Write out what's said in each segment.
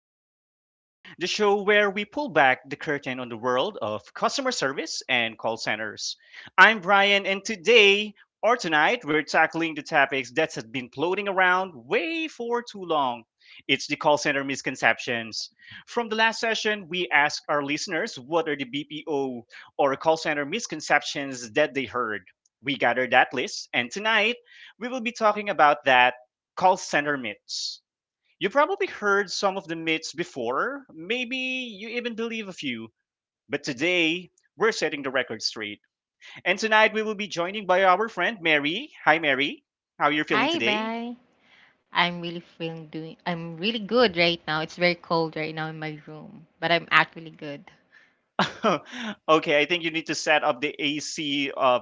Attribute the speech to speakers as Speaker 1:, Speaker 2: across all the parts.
Speaker 1: Under Pressure, the show where we pull back the curtain on the world of customer service and call centers. I'm Brian, and today or tonight we're tackling the topics that have been floating around way for too long. It's the call center misconceptions. From the last session, we asked our listeners what are the BPO or call center misconceptions that they heard. We gathered that list, and tonight we will be talking about that call center myths. You probably heard some of the myths before, maybe you even believe a few, but today we're setting the record straight. And tonight we will be joining by our friend Mary. Hi Mary, how are you feeling
Speaker 2: Hi,
Speaker 1: today?
Speaker 2: Bri. I'm really feeling doing. I'm really good right now. It's very cold right now in my room, but I'm actually good.
Speaker 1: Okay, I think you need to set up the AC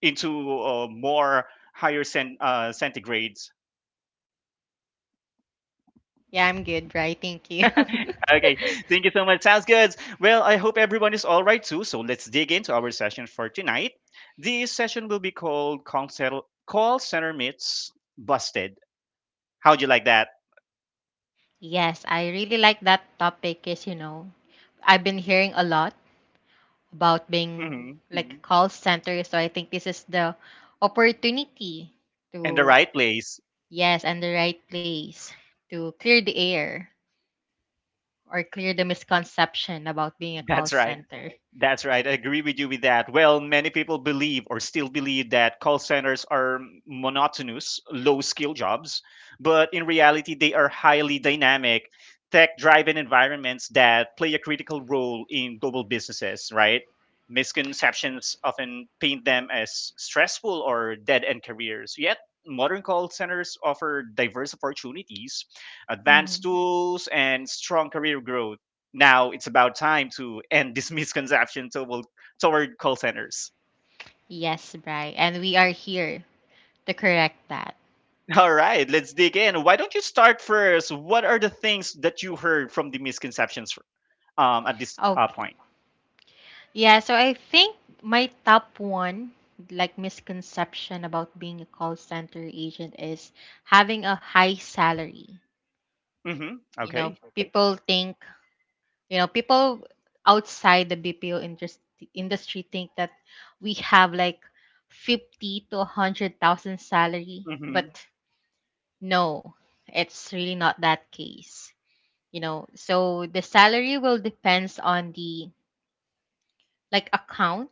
Speaker 1: into more higher centigrade.
Speaker 2: Yeah, I'm good, Bri. Thank you.
Speaker 1: Okay, thank you so much. Sounds good. Well, I hope everyone is all right too. So let's dig into our session for tonight. This session will be called Call Center, Call Center Myths Busted. How'd you like that?
Speaker 2: Yes, I really like that topic. I've been hearing a lot about being
Speaker 1: Hmm
Speaker 2: like call center, so I think this is the opportunity
Speaker 1: In the
Speaker 2: to
Speaker 1: right place.
Speaker 2: yes, and the right place to clear the air or clear the misconception about being a call
Speaker 1: That's right.
Speaker 2: center.
Speaker 1: That's right. I agree with you with that. Well, many people believe or still believe that call centers are monotonous, low skill jobs, but in reality, they are highly dynamic, tech driven environments that play a critical role in global businesses, right? Misconceptions often paint them as stressful or dead end careers. Yet, modern call centers offer diverse opportunities, advanced
Speaker 2: Hmm
Speaker 1: tools, and strong career growth. Now it's about time to end this misconception toward call centers.
Speaker 2: Yes, Bri. And we are here to correct that.
Speaker 1: All right, let's dig in. Why don't you start first? What are the things that you heard from the misconceptions at this
Speaker 2: Okay.
Speaker 1: point?
Speaker 2: Yeah, so I think my top one like misconception about being a call center agent is having a high salary.
Speaker 1: Mm-hmm. Okay.
Speaker 2: Okay. People think people outside the BPO industry think that we have like 50 to 100,000 salary,
Speaker 1: Mm-hmm.
Speaker 2: but no, it's really not that case. You know, so the salary will depends on the like account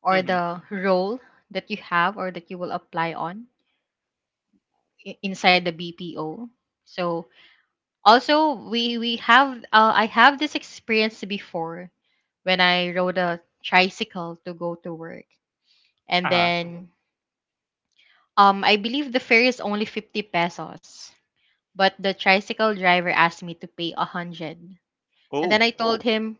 Speaker 2: or
Speaker 1: Mm-hmm.
Speaker 2: the role that you have or that you will apply on inside the BPO. So also we have I have this experience before when I rode a tricycle to go to work and
Speaker 1: Uh-huh.
Speaker 2: then I believe the fare is only 50 pesos, but the tricycle driver asked me to pay 100. And then
Speaker 1: Oh.
Speaker 2: I told him,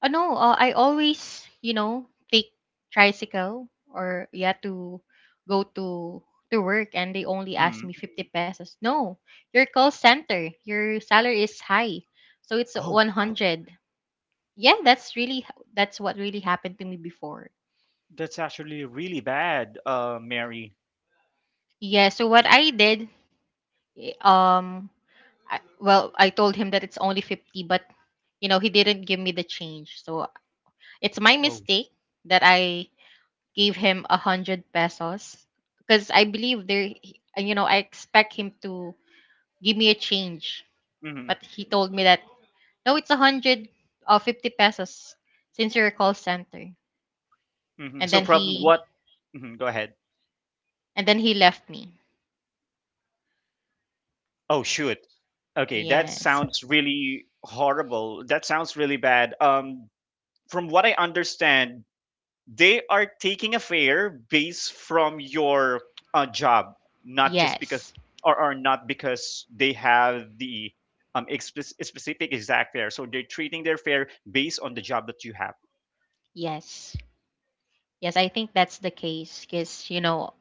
Speaker 2: oh no, I always, you know, take tricycle or yeah to go to work and they only ask
Speaker 1: Mm.
Speaker 2: me 50 pesos. No, your call center, your salary is high. So it's
Speaker 1: Oh,
Speaker 2: 100. Yeah, that's really that's what really happened to me before.
Speaker 1: that's actually really bad, Mary.
Speaker 2: Yeah, so what I did, eh, um I, well, I told him that it's only 50, but you know, he didn't give me the change. So it's my
Speaker 1: Oh.
Speaker 2: mistake that I gave him 100 pesos because I believe I expect him to give me a change,
Speaker 1: Mm-hmm.
Speaker 2: but he told me that no, it's 100 or 50 pesos since you're a call center,
Speaker 1: Mm-hmm.
Speaker 2: and
Speaker 1: So
Speaker 2: then
Speaker 1: problem
Speaker 2: he
Speaker 1: what? Hmm Go ahead.
Speaker 2: and then he left me.
Speaker 1: Oh, shoot. Okay, that
Speaker 2: Yes,
Speaker 1: sounds really horrible. That sounds really bad. From what I understand, they are taking a fare based from your job, not just because,
Speaker 2: yes,
Speaker 1: or not because they have the expe- specific exact fare. So they're treating their fare based on the job that you have.
Speaker 2: yes, yes. I think that's the case because you know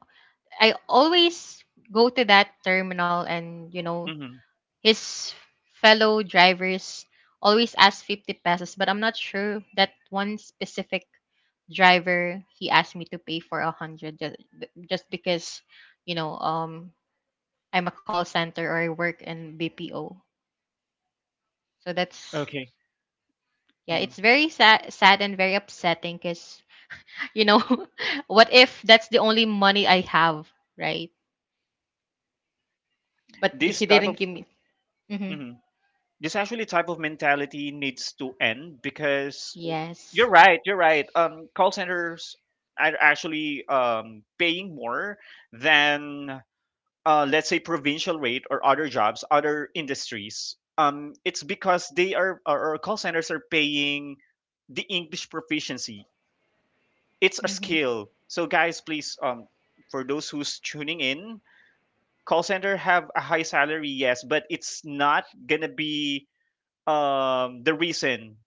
Speaker 2: I always go to that terminal and you know
Speaker 1: Hmm
Speaker 2: his fellow drivers always ask 50 pesos, but I'm not sure that one specific driver, he asked me to pay for a 100 just because, you know, I'm a call center or I work in BPO. So that's
Speaker 1: Okay.
Speaker 2: yeah,
Speaker 1: hmm
Speaker 2: it's very sad, sad and very upsetting because, you know, what if that's the only money I have, right? But he
Speaker 1: This type
Speaker 2: didn't
Speaker 1: of
Speaker 2: give me. Hmm
Speaker 1: mhm, this actually type of mentality needs to end because
Speaker 2: Yes.
Speaker 1: you're right. You're right. Call centers are actually paying more than let's say provincial rate or other jobs, other industries. Um, it's because they are or call centers are paying the English proficiency. It's a
Speaker 2: hmm
Speaker 1: skill. So guys, please, for those who's tuning in, call center have a high salary, yes, but it's not gonna be the reason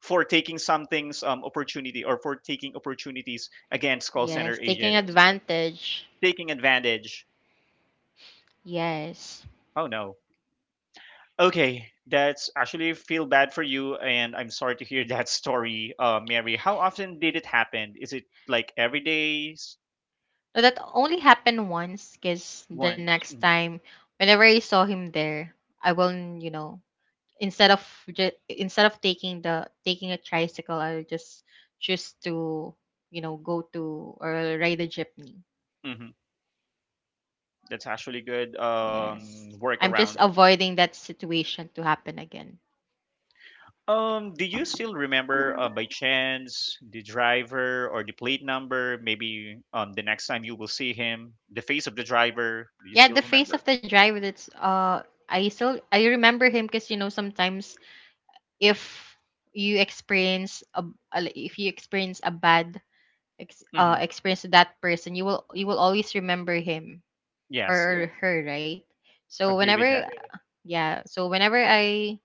Speaker 1: for taking something's opportunity or for taking opportunities against call center
Speaker 2: Yes, taking
Speaker 1: agents.
Speaker 2: advantage.
Speaker 1: Taking advantage.
Speaker 2: Yes.
Speaker 1: Oh no. Okay, that's actually feel bad for you, and I'm sorry to hear that story, Mary. How often did it happen? Is it like every day? S-
Speaker 2: But that only happened once because the
Speaker 1: Once.
Speaker 2: next
Speaker 1: Mm.
Speaker 2: time, whenever I saw him there, I will, you know, instead of instead of taking a tricycle, I'll just choose to, you know, go to or ride a jeepney.
Speaker 1: Mm-hmm. That's actually good
Speaker 2: Yes. I'm just
Speaker 1: workaround.
Speaker 2: avoiding that situation to happen again.
Speaker 1: Do you still remember by chance the driver or the plate number? Maybe the next time you will see him, the face of the driver. Do you
Speaker 2: Yeah,
Speaker 1: still
Speaker 2: the face
Speaker 1: remember?
Speaker 2: of the driver. That's I remember him because you know sometimes if you experience a- if you experience a bad
Speaker 1: Hmm
Speaker 2: experience with that person, you will always remember him
Speaker 1: Yes,
Speaker 2: or yeah, her, right? So
Speaker 1: agree
Speaker 2: whenever
Speaker 1: with
Speaker 2: Right.
Speaker 1: that.
Speaker 2: Yeah, so whenever I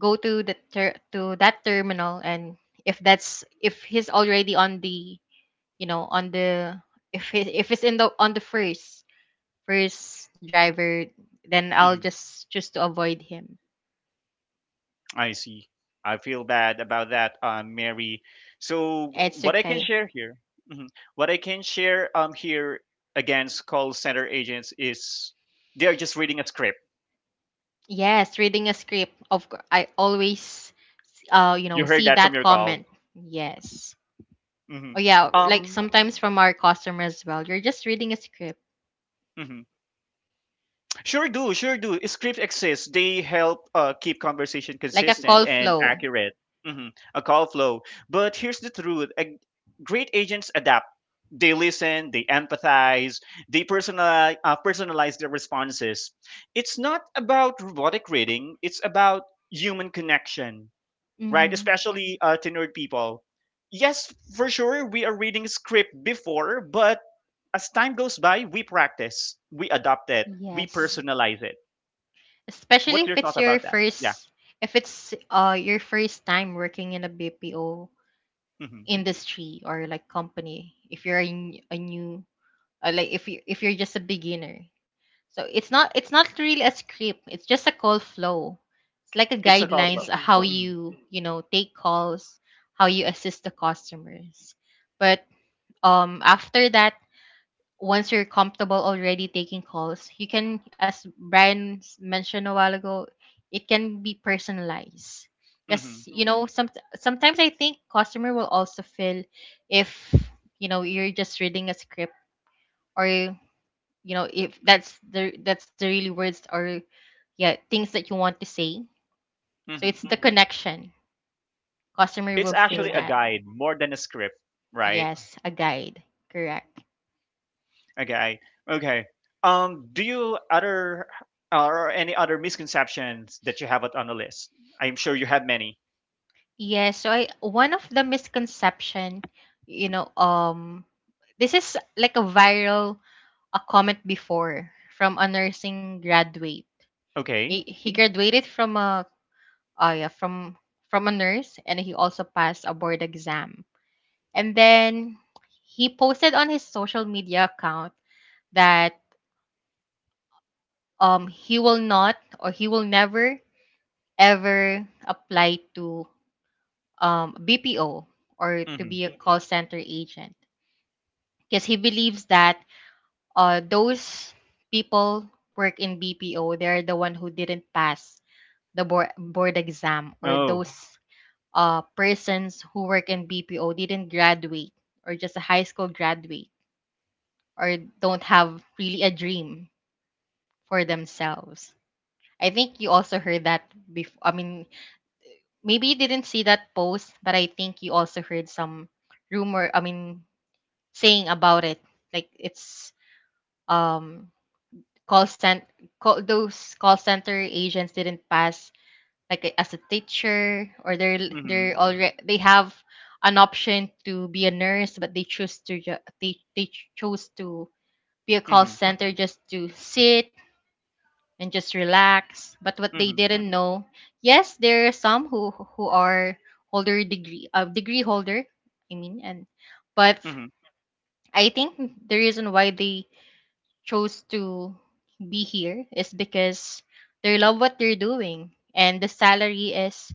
Speaker 2: go to the ter- to that terminal and if he's already on the you know on the if it's in the on the first driver, then I'll
Speaker 1: Mhm.
Speaker 2: just choose to avoid him.
Speaker 1: I see. I feel bad about that, Mary. So
Speaker 2: It's
Speaker 1: what
Speaker 2: Oh.
Speaker 1: I can
Speaker 2: okay.
Speaker 1: share here, mhm, what I can share here against call center agents is they are just reading a script.
Speaker 2: Yes, reading a script. Of course, I always you know
Speaker 1: You heard
Speaker 2: see
Speaker 1: that from
Speaker 2: that
Speaker 1: your call.
Speaker 2: comment. Yes.
Speaker 1: Hmm
Speaker 2: Oh yeah, like
Speaker 1: Um,
Speaker 2: sometimes from our customers as well. You're just reading a script,
Speaker 1: mhm. Sure do, sure do. Script exists. They help keep conversation
Speaker 2: like a
Speaker 1: consistent
Speaker 2: call
Speaker 1: and
Speaker 2: flow.
Speaker 1: accurate. Hmm A call flow. But here's the truth: a- great agents adapt. They listen. They empathize. They personalize, personalize their responses. It's not about robotic reading. It's about human connection, right?
Speaker 2: Hmm
Speaker 1: Especially to nerd people. Yes, for sure, we are reading script before, but as time goes by, we practice, we adopt it, we
Speaker 2: Yes,
Speaker 1: personalize it. What's
Speaker 2: especially
Speaker 1: your
Speaker 2: if
Speaker 1: thought
Speaker 2: it's
Speaker 1: about
Speaker 2: your
Speaker 1: that? Yeah.
Speaker 2: first, if it's your first time working in a BPO
Speaker 1: hmm
Speaker 2: industry or like company. If you're a, n- a new, like If you if you're just a beginner, so it's not really a script. It's just a call flow. It's like a
Speaker 1: It's a call flow.
Speaker 2: guidelines of how
Speaker 1: Hmm
Speaker 2: you, you know, take calls, how you assist the customers. But after that, once you're comfortable already taking calls, you can, as Brian mentioned a while ago, it can be personalized because
Speaker 1: hmm
Speaker 2: you know some sometimes I think customer will also feel if you know you're just reading a script or you know if that's the really words or yeah things that you want to say. So
Speaker 1: hmm
Speaker 2: it's the connection customer will
Speaker 1: It's
Speaker 2: feel
Speaker 1: actually a
Speaker 2: that.
Speaker 1: guide more than a script,
Speaker 2: Exactly.
Speaker 1: right?
Speaker 2: Yes, a guide. Correct.
Speaker 1: Okay. Okay. Do you other or any other misconceptions that you have it on the list? I'm sure you have many.
Speaker 2: Yes, so I one of the misconception, you know, this is like a viral a comment before from a nursing graduate.
Speaker 1: Okay.
Speaker 2: He Mhm. graduated from a uh, yeah, from from a nurse, and he also passed a board exam. And then he posted on his social media account that he will not, or he will never ever apply to BPO or to
Speaker 1: hmm
Speaker 2: be a Mhm. call center agent because he believes that those people work in BPO, they're the one who didn't pass the board exam, or
Speaker 1: Oh.
Speaker 2: those persons who work in BPO didn't graduate, or just a high school graduate, or don't have really a dream for themselves. I think you also heard that before. I mean, maybe you didn't see that post, but I think you also heard some rumor. I mean, saying about it, like it's um call cent call those call center agents didn't pass as a teacher, or they're
Speaker 1: Mm-hmm.
Speaker 2: already they have an option to be a nurse, but they choose to they chose to be a call
Speaker 1: Mm-hmm.
Speaker 2: center just to sit and just relax. But what they
Speaker 1: Mm-hmm.
Speaker 2: didn't know, yes, there are some who are holder degree degree holder, I mean, and but
Speaker 1: Mm-hmm.
Speaker 2: I think the reason why they chose to be here is because they love what they're doing and the salary is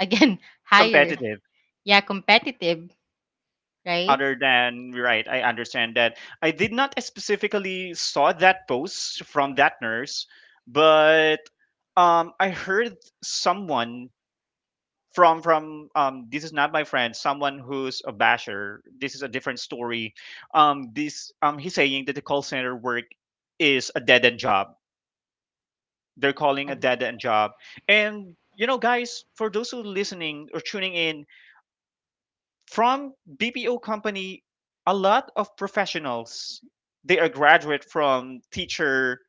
Speaker 2: again higher.
Speaker 1: Competitive.
Speaker 2: Yeah, competitive, right?
Speaker 1: Other than right, I understand that. I did not specifically saw that post from that nurse, but I heard someone from um, this is not my friend, someone who's a basher. This is a different story. Um, this um, he's saying that the call center work is a dead end job. They're calling
Speaker 2: Uh,
Speaker 1: a dead end job. And you know, guys, for those who listening or tuning in from BPO company, a lot of professionals, they are graduate from teacher,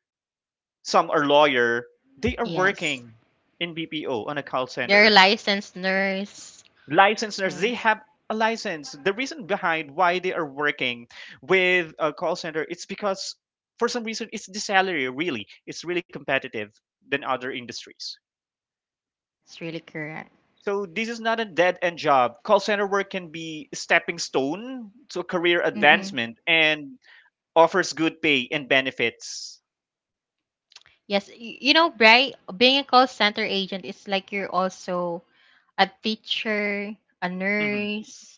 Speaker 1: some are lawyer, they are
Speaker 2: yes,
Speaker 1: working in BPO on a call
Speaker 2: they're a
Speaker 1: center.
Speaker 2: licensed nurse,
Speaker 1: Licensed nurse.
Speaker 2: right.
Speaker 1: They have a license. The reason behind why they are working with a call center, it's because for some reason it's the salary really. It's really competitive than other industries.
Speaker 2: It's really correct.
Speaker 1: So this is not a dead end job. Call center work can be a stepping stone to career
Speaker 2: Mm-hmm.
Speaker 1: advancement and offers good pay and benefits.
Speaker 2: Yes, you know, Bri, being a call center agent is like you're also a teacher, a
Speaker 1: Hmm
Speaker 2: nurse,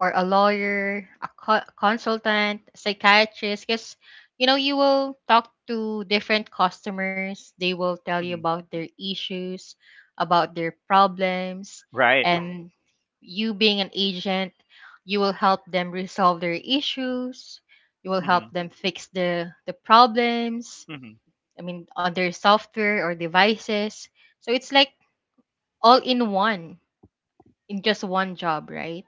Speaker 2: or a lawyer, a consultant, psychiatrist, because you know you will talk to different customers. They will tell you
Speaker 1: hmm
Speaker 2: about their issues, about their problems,
Speaker 1: Right.
Speaker 2: and you being an agent, you will help them resolve their issues. You will help
Speaker 1: hmm
Speaker 2: them fix the problems,
Speaker 1: hmm
Speaker 2: I mean, on their software or devices. So it's like all in one, in just one job, right?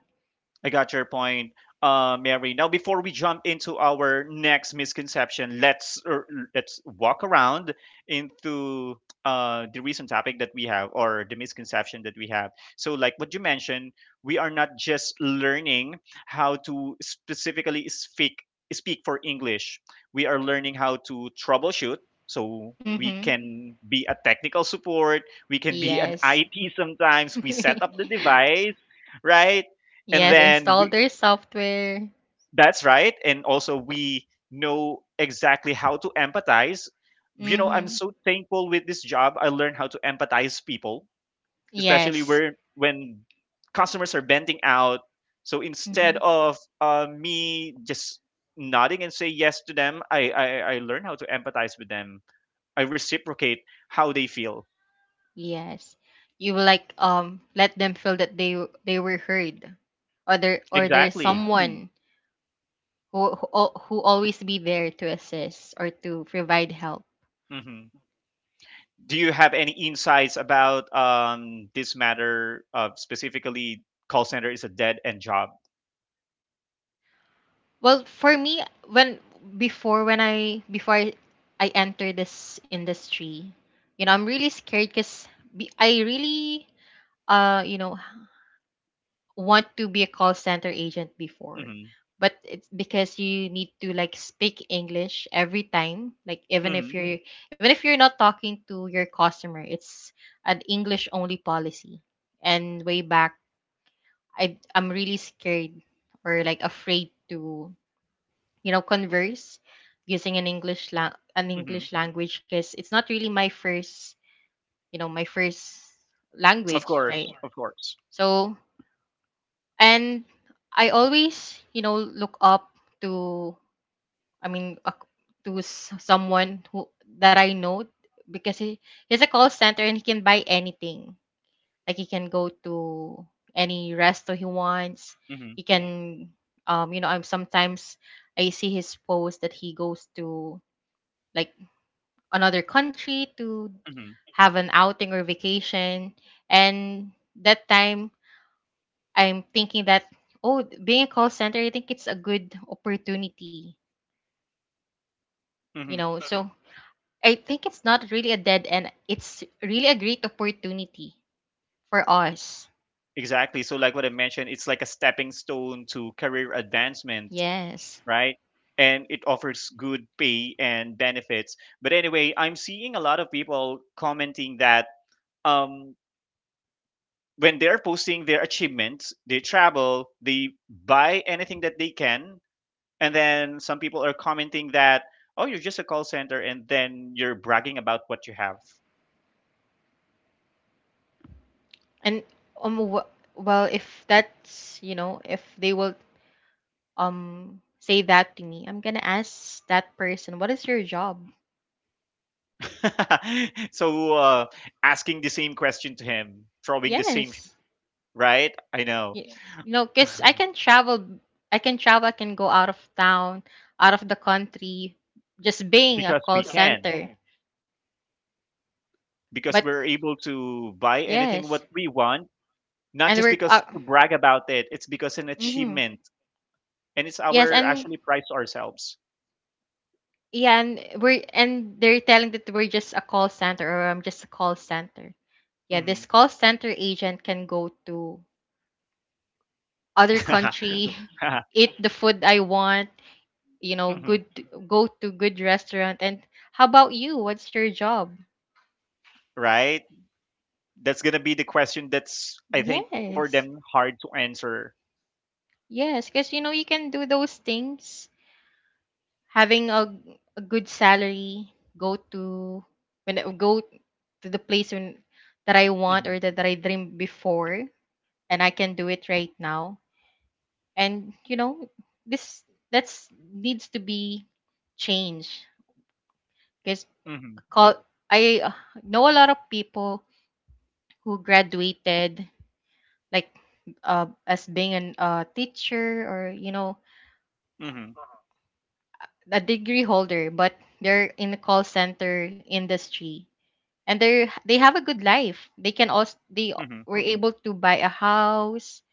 Speaker 1: I got your point, Mary. Now, before we jump into our next misconception, let's walk around into the recent topic that we have or the misconception that we have. So, like what you mentioned, we are not just learning how to specifically speak for English. We are learning how to troubleshoot. So we
Speaker 2: Mm-hmm.
Speaker 1: can be a technical support. We can be an
Speaker 2: Yes.
Speaker 1: IT sometimes. We set up the device, right? And
Speaker 2: Yes,
Speaker 1: then
Speaker 2: install
Speaker 1: we,
Speaker 2: their software.
Speaker 1: that's right, and also we know exactly how to empathize. You know, I'm
Speaker 2: Mm-hmm.
Speaker 1: so thankful with this job. I learned how to empathize people, especially
Speaker 2: Yes.
Speaker 1: where when customers are venting out. So instead
Speaker 2: Mm-hmm.
Speaker 1: of me just nodding and say yes to them, I learn how to empathize with them. I reciprocate how they feel.
Speaker 2: Yes. You will like let them feel that they were heard, or there's Mm.
Speaker 1: Exactly.
Speaker 2: someone who who always be there to assist or to provide help.
Speaker 1: hmm do you have any insights about this matter of specifically call center is a dead end job?
Speaker 2: Well, for me, when before when I before I enter this industry, you know, I'm really scared because I really you know want to be a call center agent before,
Speaker 1: Hmm
Speaker 2: but it's because you need to like speak English every time, like
Speaker 1: hmm
Speaker 2: even if you're not talking to your customer, it's an English only policy. And way back, I'm really scared or like afraid to, you know, converse using an an
Speaker 1: hmm
Speaker 2: English language because it's not really my first, you know, my first
Speaker 1: Of
Speaker 2: language,
Speaker 1: course,
Speaker 2: right?
Speaker 1: of course.
Speaker 2: So, and I always, you know, look up to, I mean, someone who that I know because he's a call center and he can buy anything. Like he can go to any resto he wants.
Speaker 1: Hmm
Speaker 2: He can, you know, I'm sometimes I see his post that he goes to like another country to
Speaker 1: hmm
Speaker 2: have an outing or vacation. And that time, I'm thinking that, oh, being a call center, I think it's a good opportunity, you
Speaker 1: hmm
Speaker 2: know. So I think it's not really a dead end, it's really a great opportunity for us.
Speaker 1: Exactly. So, like what I mentioned, it's like a stepping stone to career advancement,
Speaker 2: Yes.
Speaker 1: right? And it offers good pay and benefits. But anyway, I'm seeing a lot of people commenting that um, when they're posting their achievements, they travel, they buy anything that they can. And then some people are commenting that, oh, you're just a call center, and then you're bragging about what you have.
Speaker 2: And um, wh- well, if that's, you know, if they will say that to me, I'm gonna ask that person, what is your job?
Speaker 1: So asking the same question to him, throwing the same, sh-
Speaker 2: Yes.
Speaker 1: right? I know.
Speaker 2: You know, because I can travel, I can go out of town, out of the country, just being a
Speaker 1: Because we
Speaker 2: call
Speaker 1: can,
Speaker 2: center.
Speaker 1: because
Speaker 2: But
Speaker 1: we're able to buy anything what
Speaker 2: yes,
Speaker 1: we want, not
Speaker 2: and
Speaker 1: just
Speaker 2: we're
Speaker 1: because to brag about it, it's because an
Speaker 2: mhm.
Speaker 1: achievement. And it's
Speaker 2: Yes,
Speaker 1: our
Speaker 2: and
Speaker 1: actually price ourselves.
Speaker 2: yeah, and we're, and they're telling that we're just a call center, or I'm just a call center. Yeah, this
Speaker 1: Hmm
Speaker 2: call center agent can go to other country, eat the food I want, you know,
Speaker 1: hmm
Speaker 2: good, go to good restaurant, and how about you, what's your job?
Speaker 1: Right? That's going to be the question that's, I think, for
Speaker 2: Yes.
Speaker 1: them hard to answer.
Speaker 2: Yes, because you know you can do those things. Having a good salary, go to go to the place that I want
Speaker 1: Mhm,
Speaker 2: or that I dreamed before, and I can do it right now. And you know this that's needs to be changed because
Speaker 1: mhm,
Speaker 2: call I know a lot of people who graduated like as being an teacher, or you know,
Speaker 1: mhm,
Speaker 2: a degree holder, but they're in the call center industry, and they have a good life. They can also they
Speaker 1: mhm.
Speaker 2: were able to buy a house,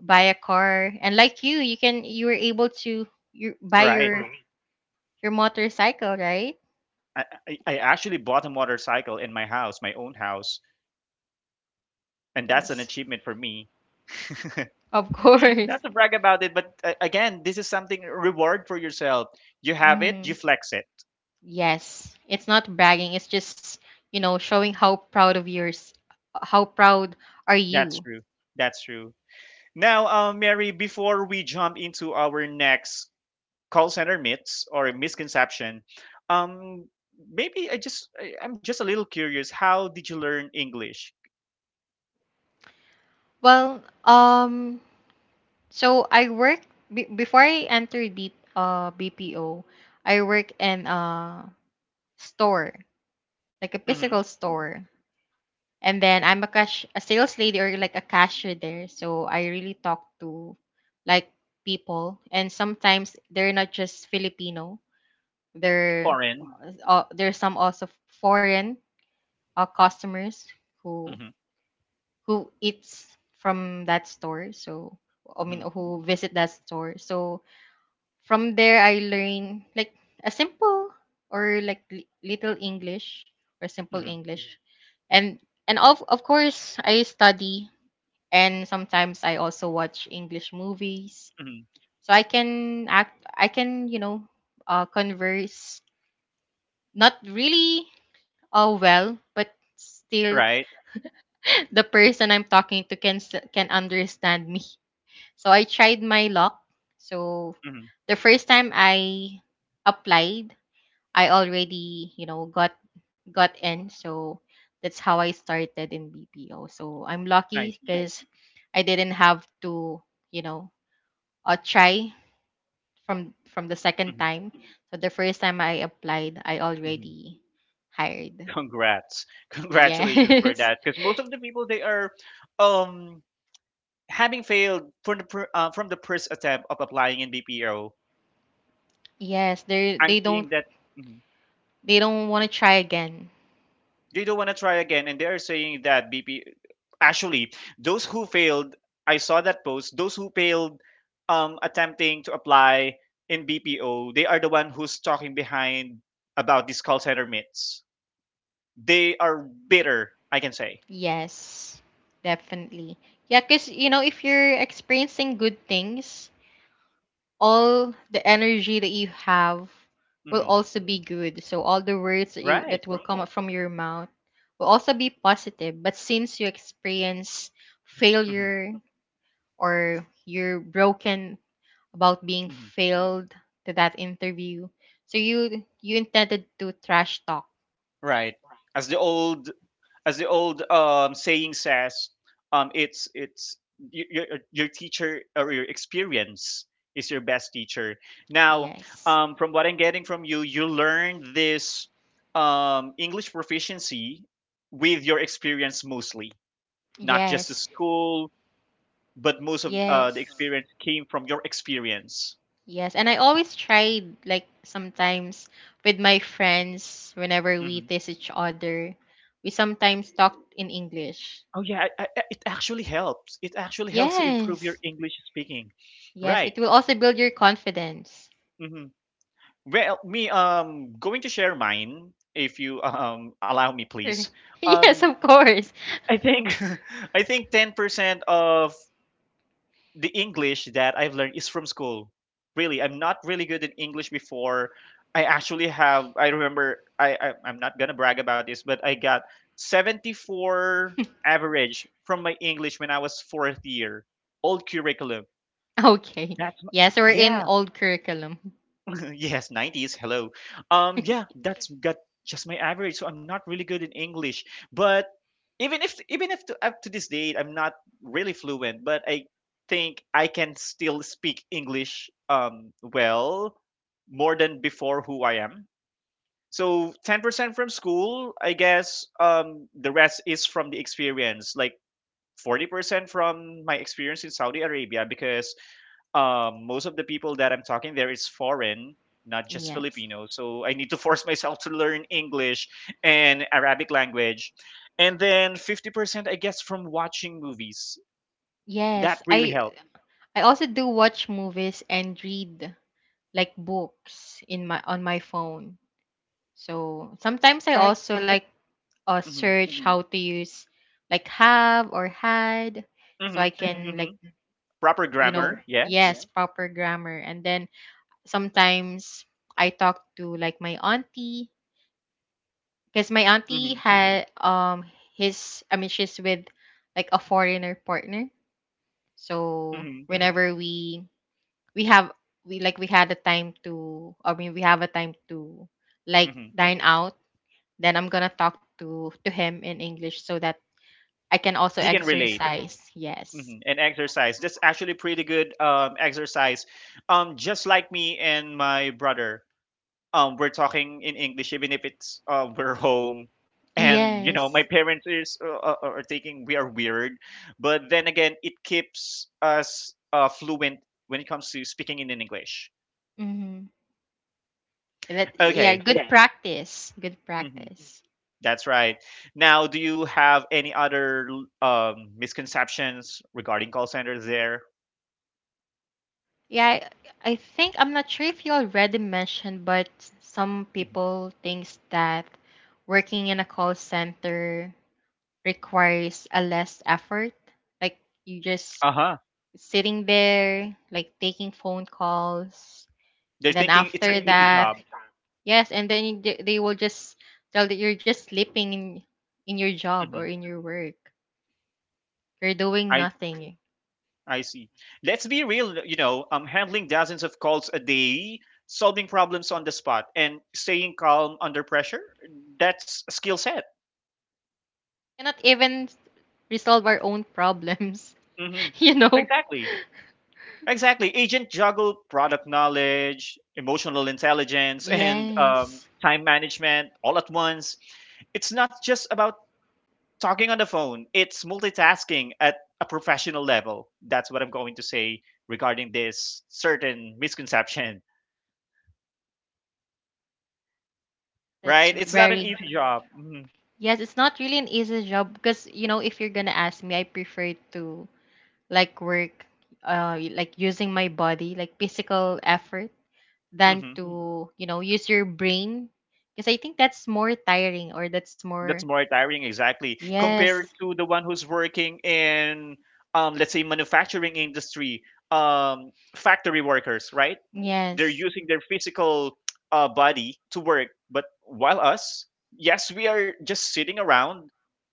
Speaker 2: buy a car, and like you can you were able to you buy
Speaker 1: Right.
Speaker 2: your motorcycle, right?
Speaker 1: I actually bought a motorcycle in my house, my own house, and that's an
Speaker 2: Yes,
Speaker 1: achievement for me.
Speaker 2: of course.
Speaker 1: Not to brag about it, but again, this is something reward for yourself. You have it, you
Speaker 2: Mm,
Speaker 1: flex it.
Speaker 2: yes, it's not bragging. It's just showing how proud of yours, how proud are
Speaker 1: That's
Speaker 2: you.
Speaker 1: true. That's true. Now, Mary, before we jump into our next call center myths or misconception, um, maybe I just I, I'm just a little curious. How did you learn English?
Speaker 2: Well, so I work be before I entered B BPO. I work in a store, like a physical
Speaker 1: Hmm
Speaker 2: store. And then I'm a cash a sales lady or like a cashier there. So I really talk to like people, and sometimes they're not just Filipino. They're
Speaker 1: Foreign.
Speaker 2: there's some also foreign customers who
Speaker 1: Hmm
Speaker 2: eats from that store. I mean
Speaker 1: hmm
Speaker 2: who visit that store. So from there, I learn like a simple or like little English or simple
Speaker 1: hmm
Speaker 2: English, and and of course I study, and sometimes I also watch English movies
Speaker 1: hmm
Speaker 2: so I can act. I can converse, not really well, but still
Speaker 1: Right?
Speaker 2: the person I'm talking to can can understand me. So I tried my luck. So
Speaker 1: Mhm.
Speaker 2: the first time I applied, I already, you know, got in. So that's how I started in BPO. So I'm
Speaker 1: I
Speaker 2: lucky
Speaker 1: see.
Speaker 2: because I didn't have to, you know, try from the second
Speaker 1: Mhm,
Speaker 2: time. So the first time I applied, I
Speaker 1: mhm.
Speaker 2: already hired.
Speaker 1: Congrats. Congratulations for
Speaker 2: Yes.
Speaker 1: that. Because most of the people, they are, um, having failed from the per from the first attempt of applying in BPO.
Speaker 2: Yes,
Speaker 1: I'm seeing that mhm,
Speaker 2: they don't want to try again.
Speaker 1: they don't wanna try again, and they are saying that BP, actually, those who failed, I saw that post, those who failed, attempting to apply in BPO, they are the one who's talking behind about these call center myths. They are bitter, I can say.
Speaker 2: Yes. Definitely. Yeah, cuz you know if you're experiencing good things, all the energy that you have will
Speaker 1: Mhm.
Speaker 2: also be good. So all the words that you
Speaker 1: Right.
Speaker 2: that will come up from your mouth will also be positive. But since you experience
Speaker 1: Mhm.
Speaker 2: failure or you're broken about being
Speaker 1: Mhm.
Speaker 2: failed to that interview, so you intended to trash talk.
Speaker 1: Right. As the old as the old saying says, um it's y- your your teacher or your experience is your best teacher. Now,
Speaker 2: Yes.
Speaker 1: from what I'm getting from you, you learned this English proficiency with your experience mostly, not just the
Speaker 2: Yes.
Speaker 1: school, but most of the
Speaker 2: Yes.
Speaker 1: experience came from your experience.
Speaker 2: Yes, and I always try, like sometimes with my friends, whenever we tease each other, we sometimes talk in English.
Speaker 1: Oh yeah, it actually helps. It actually helps to improve your
Speaker 2: Yes.
Speaker 1: English speaking,
Speaker 2: Yes,
Speaker 1: right?
Speaker 2: it will also build your confidence.
Speaker 1: hmm Well, me going to share mine if you allow me,
Speaker 2: Sure.
Speaker 1: please.
Speaker 2: Yes,
Speaker 1: Um,
Speaker 2: of course.
Speaker 1: I think I think 10% of the English that I've learned is from school. Really, I'm not really good in English before. I actually have. I remember. I'm not gonna brag about this, but I got 74 average from my English when I was fourth year, old curriculum.
Speaker 2: Okay.
Speaker 1: That's my,
Speaker 2: Yes, we're in
Speaker 1: yeah.
Speaker 2: old curriculum.
Speaker 1: Yes, '90s. Hello. Yeah, that's got just my average. So I'm not really good in English, but even if to, up to this date I'm not really fluent, but I think I can still speak English well more than before who I am. So 10% from school, I guess. The rest is from the experience. Like 40% from my experience in Saudi Arabia because most of the people that I'm talking there is foreign, not just
Speaker 2: Yes.
Speaker 1: Filipino. So I need to force myself to learn English and Arabic language. And then 50%, I guess, from watching movies. That
Speaker 2: Yes,
Speaker 1: really
Speaker 2: I
Speaker 1: helped,
Speaker 2: I also do watch movies and read like books in my on my phone. So sometimes I
Speaker 1: right?
Speaker 2: also like
Speaker 1: Mm-hmm.
Speaker 2: search how to use like have or had, so I
Speaker 1: Mm-hmm.
Speaker 2: can
Speaker 1: Mm-hmm.
Speaker 2: like
Speaker 1: Proper
Speaker 2: you Proper know
Speaker 1: grammar,
Speaker 2: grammar. Yeah.
Speaker 1: yes.
Speaker 2: Yes Yeah, proper grammar, and then sometimes I talk to like my auntie because my auntie
Speaker 1: Mm-hmm.
Speaker 2: had his I mean she's with like a foreigner partner, so
Speaker 1: Mm-hmm.
Speaker 2: whenever we have we like we had a time to I mean we have a time to like
Speaker 1: Mm-hmm.
Speaker 2: dine out. Then I'm gonna talk to him in English so that I can also
Speaker 1: He can relate.
Speaker 2: Exercise. Yes.
Speaker 1: Hmm And exercise. That's actually pretty good exercise. Just like me and my brother. We're talking in English even if it's we're home, and you know
Speaker 2: Yes.
Speaker 1: my parents is are thinking we are weird, but then again it keeps us fluent when it comes to speaking in English.
Speaker 2: Hmm.
Speaker 1: Okay.
Speaker 2: Good. Yes. Practice. Good
Speaker 1: hmm
Speaker 2: practice.
Speaker 1: that's right. Now do you have any other misconceptions regarding call centers there?
Speaker 2: Yeah, I think I'm not sure if you already mentioned, but some
Speaker 1: Mhm.
Speaker 2: people thinks that working in a call center requires a less effort. Like you just
Speaker 1: Uh-huh.
Speaker 2: sitting there, like taking phone calls.
Speaker 1: They're
Speaker 2: And then
Speaker 1: thinking it's an
Speaker 2: after
Speaker 1: easy
Speaker 2: that,
Speaker 1: job.
Speaker 2: yes, and then they will just tell that you're just sleeping in your job
Speaker 1: Hmm
Speaker 2: or in your work. You're doing nothing.
Speaker 1: I see. Let's be real, you know, handling dozens of calls a day, solving problems on the spot, and staying calm under pressure, that's a skill set.
Speaker 2: Cannot even resolve our own problems,
Speaker 1: Hmm
Speaker 2: you know?
Speaker 1: Exactly. Exactly. Agent juggle product knowledge, emotional intelligence, and
Speaker 2: Yes.
Speaker 1: time management all at once. It's not just about talking on the phone, it's multitasking at a professional level. That's what I'm going to say regarding this certain misconception. Right?
Speaker 2: That's
Speaker 1: It's not an
Speaker 2: very
Speaker 1: easy job. Hmm
Speaker 2: yes, it's not really an easy job because you know if you're gonna ask me, I prefer to like work, like using my body, like physical effort, than
Speaker 1: hmm
Speaker 2: to, you know, use your brain. Because I think that's more tiring or that's more,
Speaker 1: That's more tiring, exactly,
Speaker 2: yes,
Speaker 1: compared to the one who's working in, let's say, manufacturing industry, factory workers, right? They're
Speaker 2: yes.
Speaker 1: using their physical body to work, but while us, yes, we are just sitting around.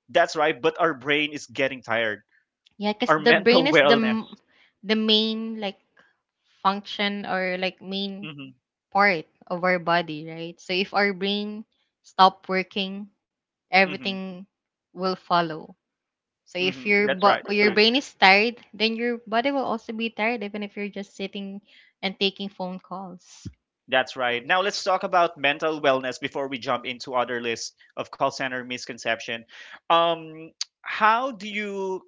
Speaker 1: That's right, but our brain is getting tired.
Speaker 2: Yeah, because
Speaker 1: Our
Speaker 2: the brain
Speaker 1: mental
Speaker 2: is
Speaker 1: wellness.
Speaker 2: the main, like, function or like main
Speaker 1: Hmm
Speaker 2: part of our body, right? So if our brain stop working,
Speaker 1: hmm
Speaker 2: everything will follow. So
Speaker 1: hmm
Speaker 2: if your
Speaker 1: That's right.
Speaker 2: your brain is tired, then your body will also be tired even if you're just sitting and taking phone calls.
Speaker 1: That's right. Now let's talk about mental wellness before we jump into other list of call center misconception. Um, how do you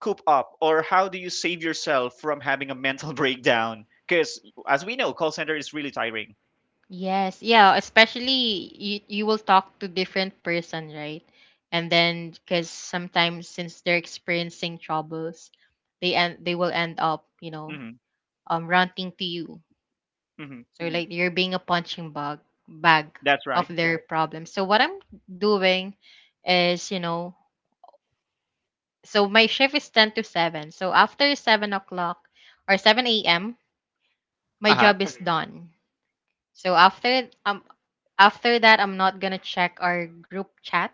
Speaker 1: coop up, or how do you save yourself from having a mental breakdown? Because as we know, call center is really tiring.
Speaker 2: Yes, yeah, especially you will talk to different person, right? And then because sometimes since they're experiencing troubles, they will end up, you know,
Speaker 1: Hmm
Speaker 2: ranting to you.
Speaker 1: hmm
Speaker 2: Like you're being a punching bag
Speaker 1: That's
Speaker 2: of
Speaker 1: right.
Speaker 2: their problems. So what I'm doing is, you know, so my shift is ten to seven. So after 7 o'clock or seven a.m.,
Speaker 1: Uh
Speaker 2: my
Speaker 1: huh.
Speaker 2: job is done. So after that, I'm not gonna check our group chat,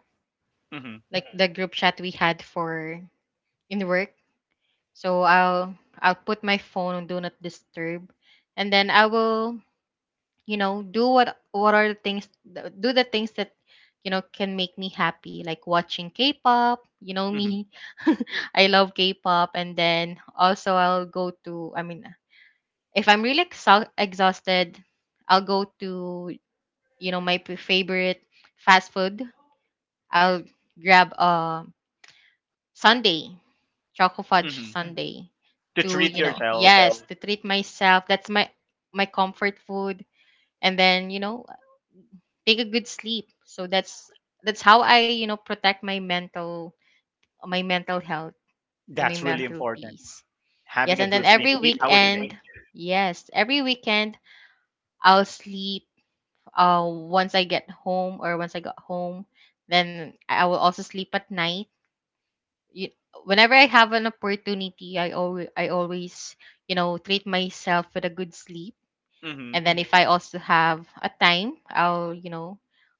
Speaker 1: hmm
Speaker 2: like the group chat we had for in work. So I'll put my phone on do not disturb, and then I will, you know, do the things that, you know, can make me happy, like watching K-pop. You know
Speaker 1: hmm
Speaker 2: me. I love K-pop. And then also I'll go to, I mean, if I'm really exhausted, I'll go to, you know, my favorite fast food. I'll grab a sundae, choco fudge
Speaker 1: hmm
Speaker 2: sundae
Speaker 1: To
Speaker 2: to,
Speaker 1: treat
Speaker 2: you know,
Speaker 1: yourself,
Speaker 2: yes, to treat myself. That's my comfort food. And then, you know, take a good sleep. So that's how I, you know, protect my mental health or my
Speaker 1: that's really
Speaker 2: mental
Speaker 1: important.
Speaker 2: peace. Yes,
Speaker 1: Having a
Speaker 2: and then
Speaker 1: good sleep, 8 hours a day.
Speaker 2: every weekend I'll sleep once I get home or once I got home, then I will also sleep at night. You, whenever I have an opportunity, I always, you know, treat myself with a good sleep.
Speaker 1: Hmm
Speaker 2: And then if I also have a time, I'll, you know,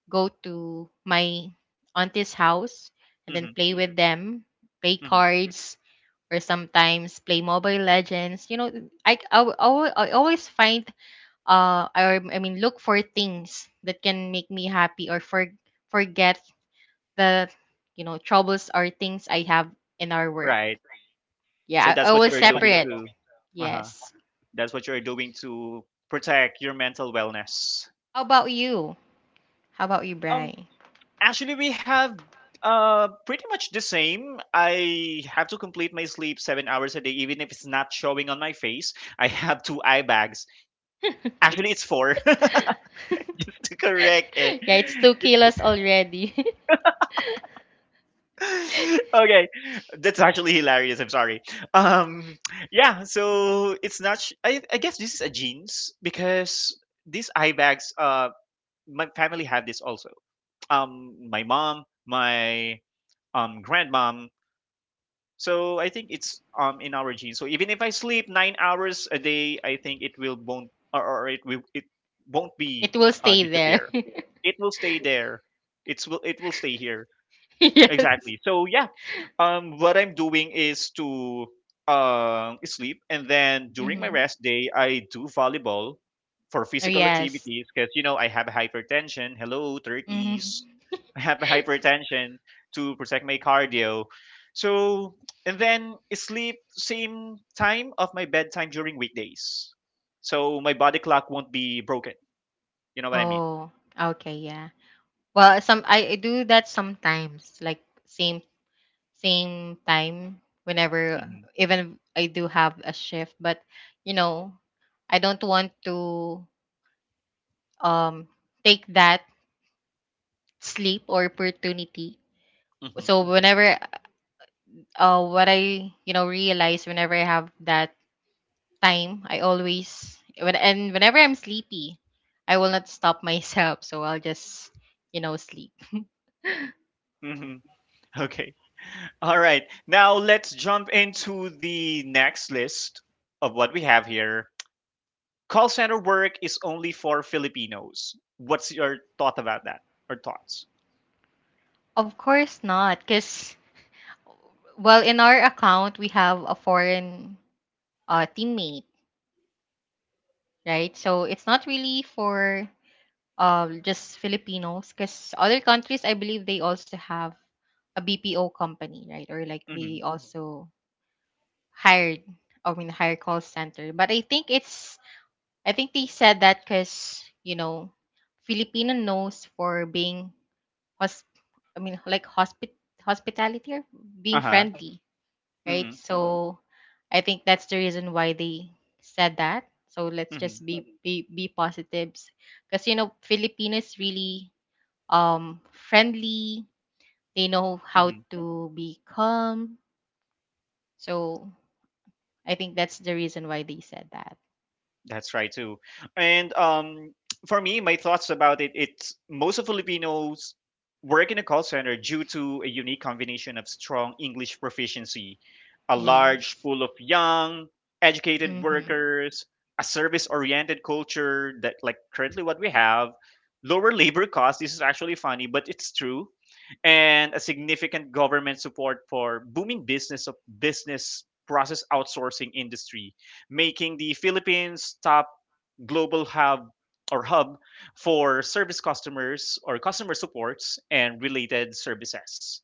Speaker 2: go to my auntie's house and then
Speaker 1: hmm
Speaker 2: play with them, play
Speaker 1: hmm
Speaker 2: cards, or sometimes play Mobile Legends. You know, I always find or I mean look for things that can make me happy or forget the, you know, troubles or things I have in our work.
Speaker 1: Right. So
Speaker 2: Yeah,
Speaker 1: that's what
Speaker 2: I
Speaker 1: you're doing
Speaker 2: separate.
Speaker 1: too. Uh huh.
Speaker 2: Yes.
Speaker 1: That's what you're doing to protect your mental wellness.
Speaker 2: How about you? How about you,
Speaker 1: Um,
Speaker 2: Bri?
Speaker 1: Actually, we have pretty much the same. I have to complete my sleep 7 hours a day, even if it's not showing on my face. I have two eye bags. Actually, it's four. Just to correct it.
Speaker 2: Yeah, it's 2 kilos already.
Speaker 1: Okay, that's actually hilarious. I'm sorry. Um, yeah. So it's not. Sh- I guess this is a genes because these eye bags. My family had this also. My mom, my grandmom. So I think it's in our genes. So even if I sleep 9 hours a day, I think it will won't or it will it won't be
Speaker 2: It will stay there.
Speaker 1: disappear. It will stay there. It will stay here.
Speaker 2: Yes.
Speaker 1: Exactly. So yeah, what I'm doing is to sleep, and then during my
Speaker 2: Mm-hmm.
Speaker 1: rest day, I do volleyball for
Speaker 2: Oh
Speaker 1: physical
Speaker 2: yes.
Speaker 1: activities because you know I have hypertension. Hello,
Speaker 2: Mm-hmm.
Speaker 1: turkeys. I have hypertension to protect my cardio. So, and then sleep same time of my bedtime during weekdays, so my body clock won't be broken. You know what I mean?
Speaker 2: Oh, okay, yeah. Well, some I do that sometimes, like same time whenever,
Speaker 1: Hmm
Speaker 2: even if I do have a shift, but you know I don't want to um take that sleep or opportunity.
Speaker 1: hmm
Speaker 2: So whenever what I, you know, realize, whenever I have that time, I always whenever I'm sleepy I will not stop myself, so I'll just, you know, sleep.
Speaker 1: hmm Okay. All right. Now let's jump into the next list of what we have here. Call center work is only for Filipinos. What's your thought about that, or thoughts?
Speaker 2: Of course not, because well, in our account we have a foreign teammate, right? So it's not really for just Filipinos, because other countries, I believe they also have a BPO company, right? Or like
Speaker 1: Mm-hmm.
Speaker 2: they also hired, I mean hire, call center. But I think it's I think they said that because you know Filipino knows for being hosp hospitality or
Speaker 1: Uh
Speaker 2: being
Speaker 1: huh.
Speaker 2: friendly, right?
Speaker 1: Mm-hmm.
Speaker 2: Mhm. So I think that's the reason why they said that. So let's just be positives, because you know Filipinos really friendly. They know how
Speaker 1: Mm-hmm.
Speaker 2: to be calm. So I think that's the reason why they said that.
Speaker 1: That's right too. And for me, my thoughts about it, it's most of Filipinos work in a call center due to a unique combination of strong English proficiency, a large
Speaker 2: Yes.
Speaker 1: pool of young, educated
Speaker 2: Mhm.
Speaker 1: workers, a service-oriented culture that like currently what we have, lower labor costs. This is actually funny, but it's true, and a significant government support for booming business of business process outsourcing industry, making the Philippines top global hub or hub for service customers or customer supports and related services.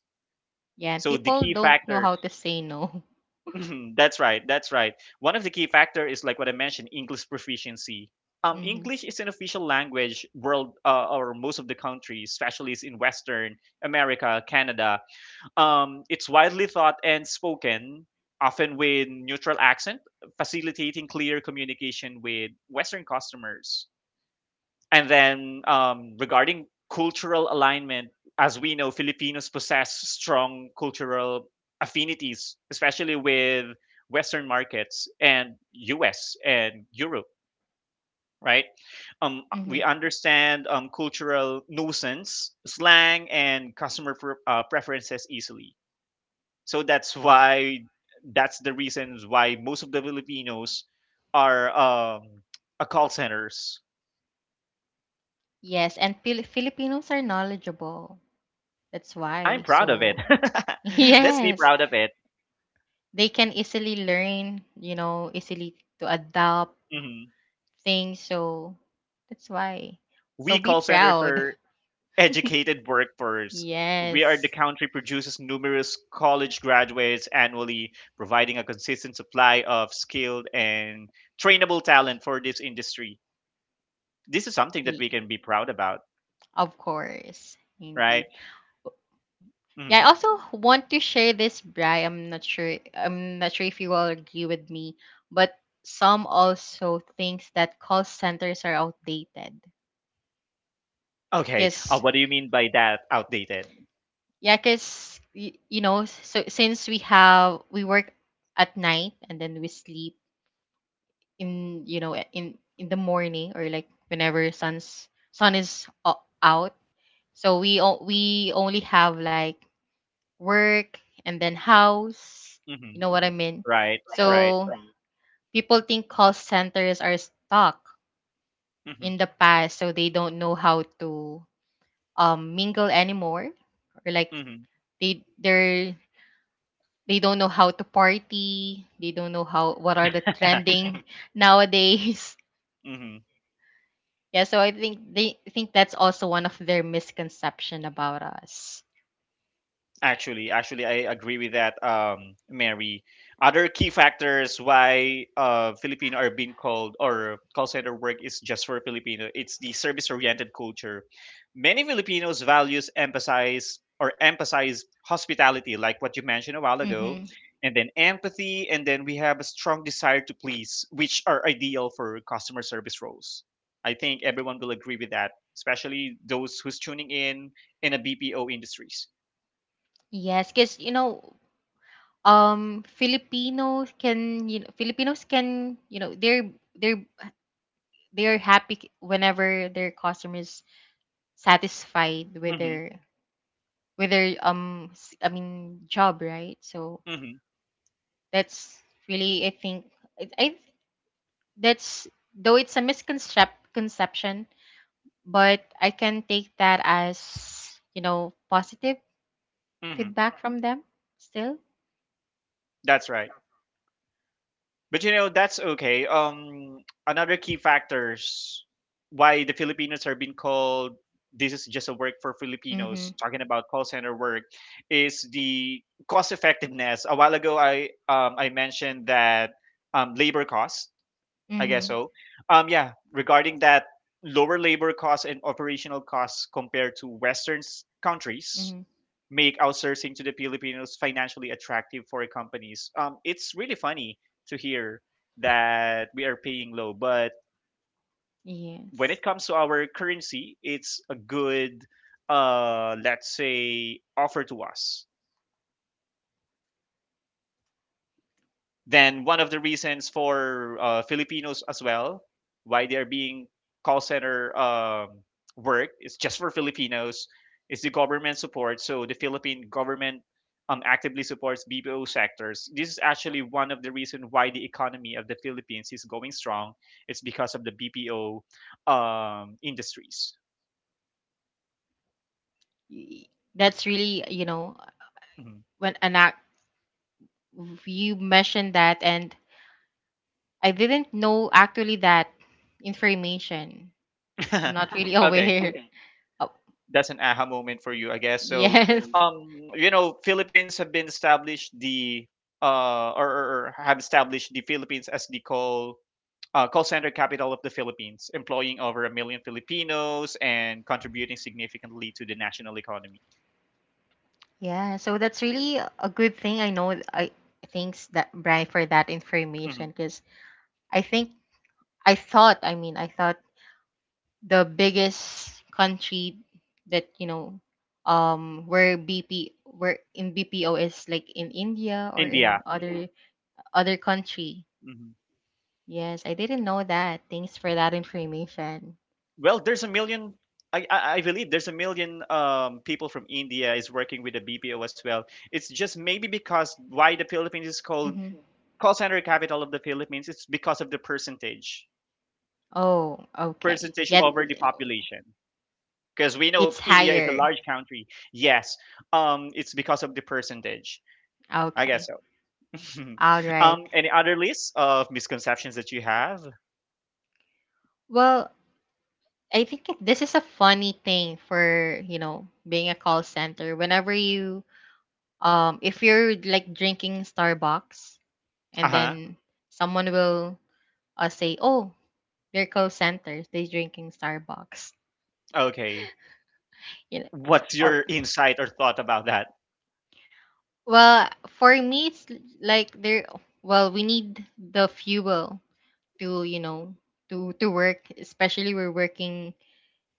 Speaker 2: Yeah,
Speaker 1: So the
Speaker 2: people
Speaker 1: key
Speaker 2: don't know
Speaker 1: factors,
Speaker 2: how to say no.
Speaker 1: that's right, that's right. One of the key factor is like what I mentioned, English proficiency.
Speaker 2: Mhm.
Speaker 1: English is an official language world or most of the countries, especially is in Western America, Canada, it's widely thought and spoken, often with neutral accent, facilitating clear communication with Western customers. And then regarding cultural alignment, as we know, Filipinos possess strong cultural affinities, especially with Western markets and US and Europe, right? We
Speaker 2: Mhm.
Speaker 1: understand cultural nuisance, slang, and customer preferences easily. So that's why that's the reasons why most of the Filipinos are um, a call centers.
Speaker 2: Yes, and Filipinos are knowledgeable. That's
Speaker 1: I'm
Speaker 2: why.
Speaker 1: proud of it.
Speaker 2: So
Speaker 1: Let's be
Speaker 2: yes,
Speaker 1: proud of it.
Speaker 2: they can easily learn, you know, easily to adopt
Speaker 1: Mhm.
Speaker 2: things, so that's why. So
Speaker 1: We
Speaker 2: be
Speaker 1: call centers
Speaker 2: proud.
Speaker 1: are educated workforce. We are the
Speaker 2: Yes.
Speaker 1: country produces numerous college graduates annually, providing a consistent supply of skilled and trainable talent for this industry. This is something that we
Speaker 2: Y-
Speaker 1: can be proud about,
Speaker 2: Of course.
Speaker 1: right?
Speaker 2: Indeed. Yeah, I
Speaker 1: Mhm.
Speaker 2: also want to share this, Bri. I'm not sure if you will agree with me, but some also thinks that call centers are outdated.
Speaker 1: Okay.
Speaker 2: Cause
Speaker 1: What do you mean by that? Outdated.
Speaker 2: yeah, cause you know, so since we work at night and then we sleep in, you know, in the morning, or like whenever sun is out, so we we only have like work and then house, you
Speaker 1: Mhm.
Speaker 2: know what I mean.
Speaker 1: Right, right.
Speaker 2: So people think call centers are stuck
Speaker 1: Mhm,
Speaker 2: in the past, so they don't know how to mingle anymore, or like
Speaker 1: mhm,
Speaker 2: they're they don't know how to party, they don't know how what are the trending nowadays.
Speaker 1: mhm.
Speaker 2: Yeah, so I think that's also one of their misconception about us.
Speaker 1: Actually, actually, I agree with that, Mary. Other key factors why Filipino are being called or call center work is just for Filipino. It's the service-oriented culture. Many Filipinos values emphasize or emphasize hospitality, like what you mentioned a while ago,
Speaker 2: Mm-hmm.
Speaker 1: and then empathy, and then we have a strong desire to please, which are ideal for customer service roles. I think everyone will agree with that, especially those who's tuning in a BPO industries.
Speaker 2: Yes, because you know, Filipinos can, you know, they're they're happy whenever their customer is satisfied with
Speaker 1: Mm-hmm.
Speaker 2: their job, right. So
Speaker 1: hmm
Speaker 2: that's really, I think, I that's, though it's a misconception conception, but I can take that as, you know, positive
Speaker 1: hmm
Speaker 2: feedback from them still.
Speaker 1: That's right. But you know, that's okay. Another key factors why the Filipinos are being called this is just a work for Filipinos,
Speaker 2: Mhm.
Speaker 1: talking about call center work, is the cost effectiveness. A while ago, I mentioned that labor cost, I guess
Speaker 2: Mhm.
Speaker 1: so. Yeah, regarding that lower labor costs and operational costs compared to countries,
Speaker 2: Mhm.
Speaker 1: make outsourcing to the Filipinos financially attractive for companies. It's really funny to hear that we are paying low, but when it
Speaker 2: Yes.
Speaker 1: comes to our currency, it's a good, let's say, offer to us. Then one of the reasons for Filipinos as well why they're being call center work is just for Filipinos is the government support. So the Philippine government actively supports BPO sectors. This is actually one of the reasons why the economy of the Philippines is going strong. It's because of the BPO industries.
Speaker 2: Y- that's really, you know,
Speaker 1: Mhm.
Speaker 2: when an act you mentioned that, and I didn't know actually that information, I'm not really
Speaker 1: Okay.
Speaker 2: aware. Oh,
Speaker 1: That's an aha moment for you, I guess. So,
Speaker 2: yes.
Speaker 1: you know, Philippines have been established the or have established the Philippines as the call call center capital of the Philippines, employing over a million Filipinos and contributing significantly to the national economy.
Speaker 2: Yeah, so that's really a good thing. I know I thanks that Bri for that information
Speaker 1: Mhm.
Speaker 2: because I think I thought, I mean, I thought the biggest country that you know where bp where in BPO is like in India or
Speaker 1: India.
Speaker 2: in other other country.
Speaker 1: Mhm.
Speaker 2: Yes, I didn't know that. Thanks for that information.
Speaker 1: Well, there's a million. I believe there's a million people from India is working with the BPO as well. It's just maybe because why the Philippines is called
Speaker 2: hmm
Speaker 1: call center capital of the Philippines, it's because of the percentage,
Speaker 2: oh, okay,
Speaker 1: percentage
Speaker 2: yet
Speaker 1: over the population. Because we know
Speaker 2: it's
Speaker 1: India is a
Speaker 2: higher.
Speaker 1: large country. Yes, it's because of the percentage. I guess
Speaker 2: Okay,
Speaker 1: so.
Speaker 2: all right.
Speaker 1: Any other list of misconceptions that you have?
Speaker 2: well this is a funny thing for you know being a call center. Whenever you if you're like drinking Starbucks
Speaker 1: Uh
Speaker 2: and
Speaker 1: huh.
Speaker 2: then someone will say, "Oh, they're call centers. They're drinking Starbucks."
Speaker 1: Okay.
Speaker 2: You know,
Speaker 1: What's
Speaker 2: or
Speaker 1: your insight or thought about that?
Speaker 2: well, for me, it's l- like they're well, we need the fuel to you know to work, especially we're working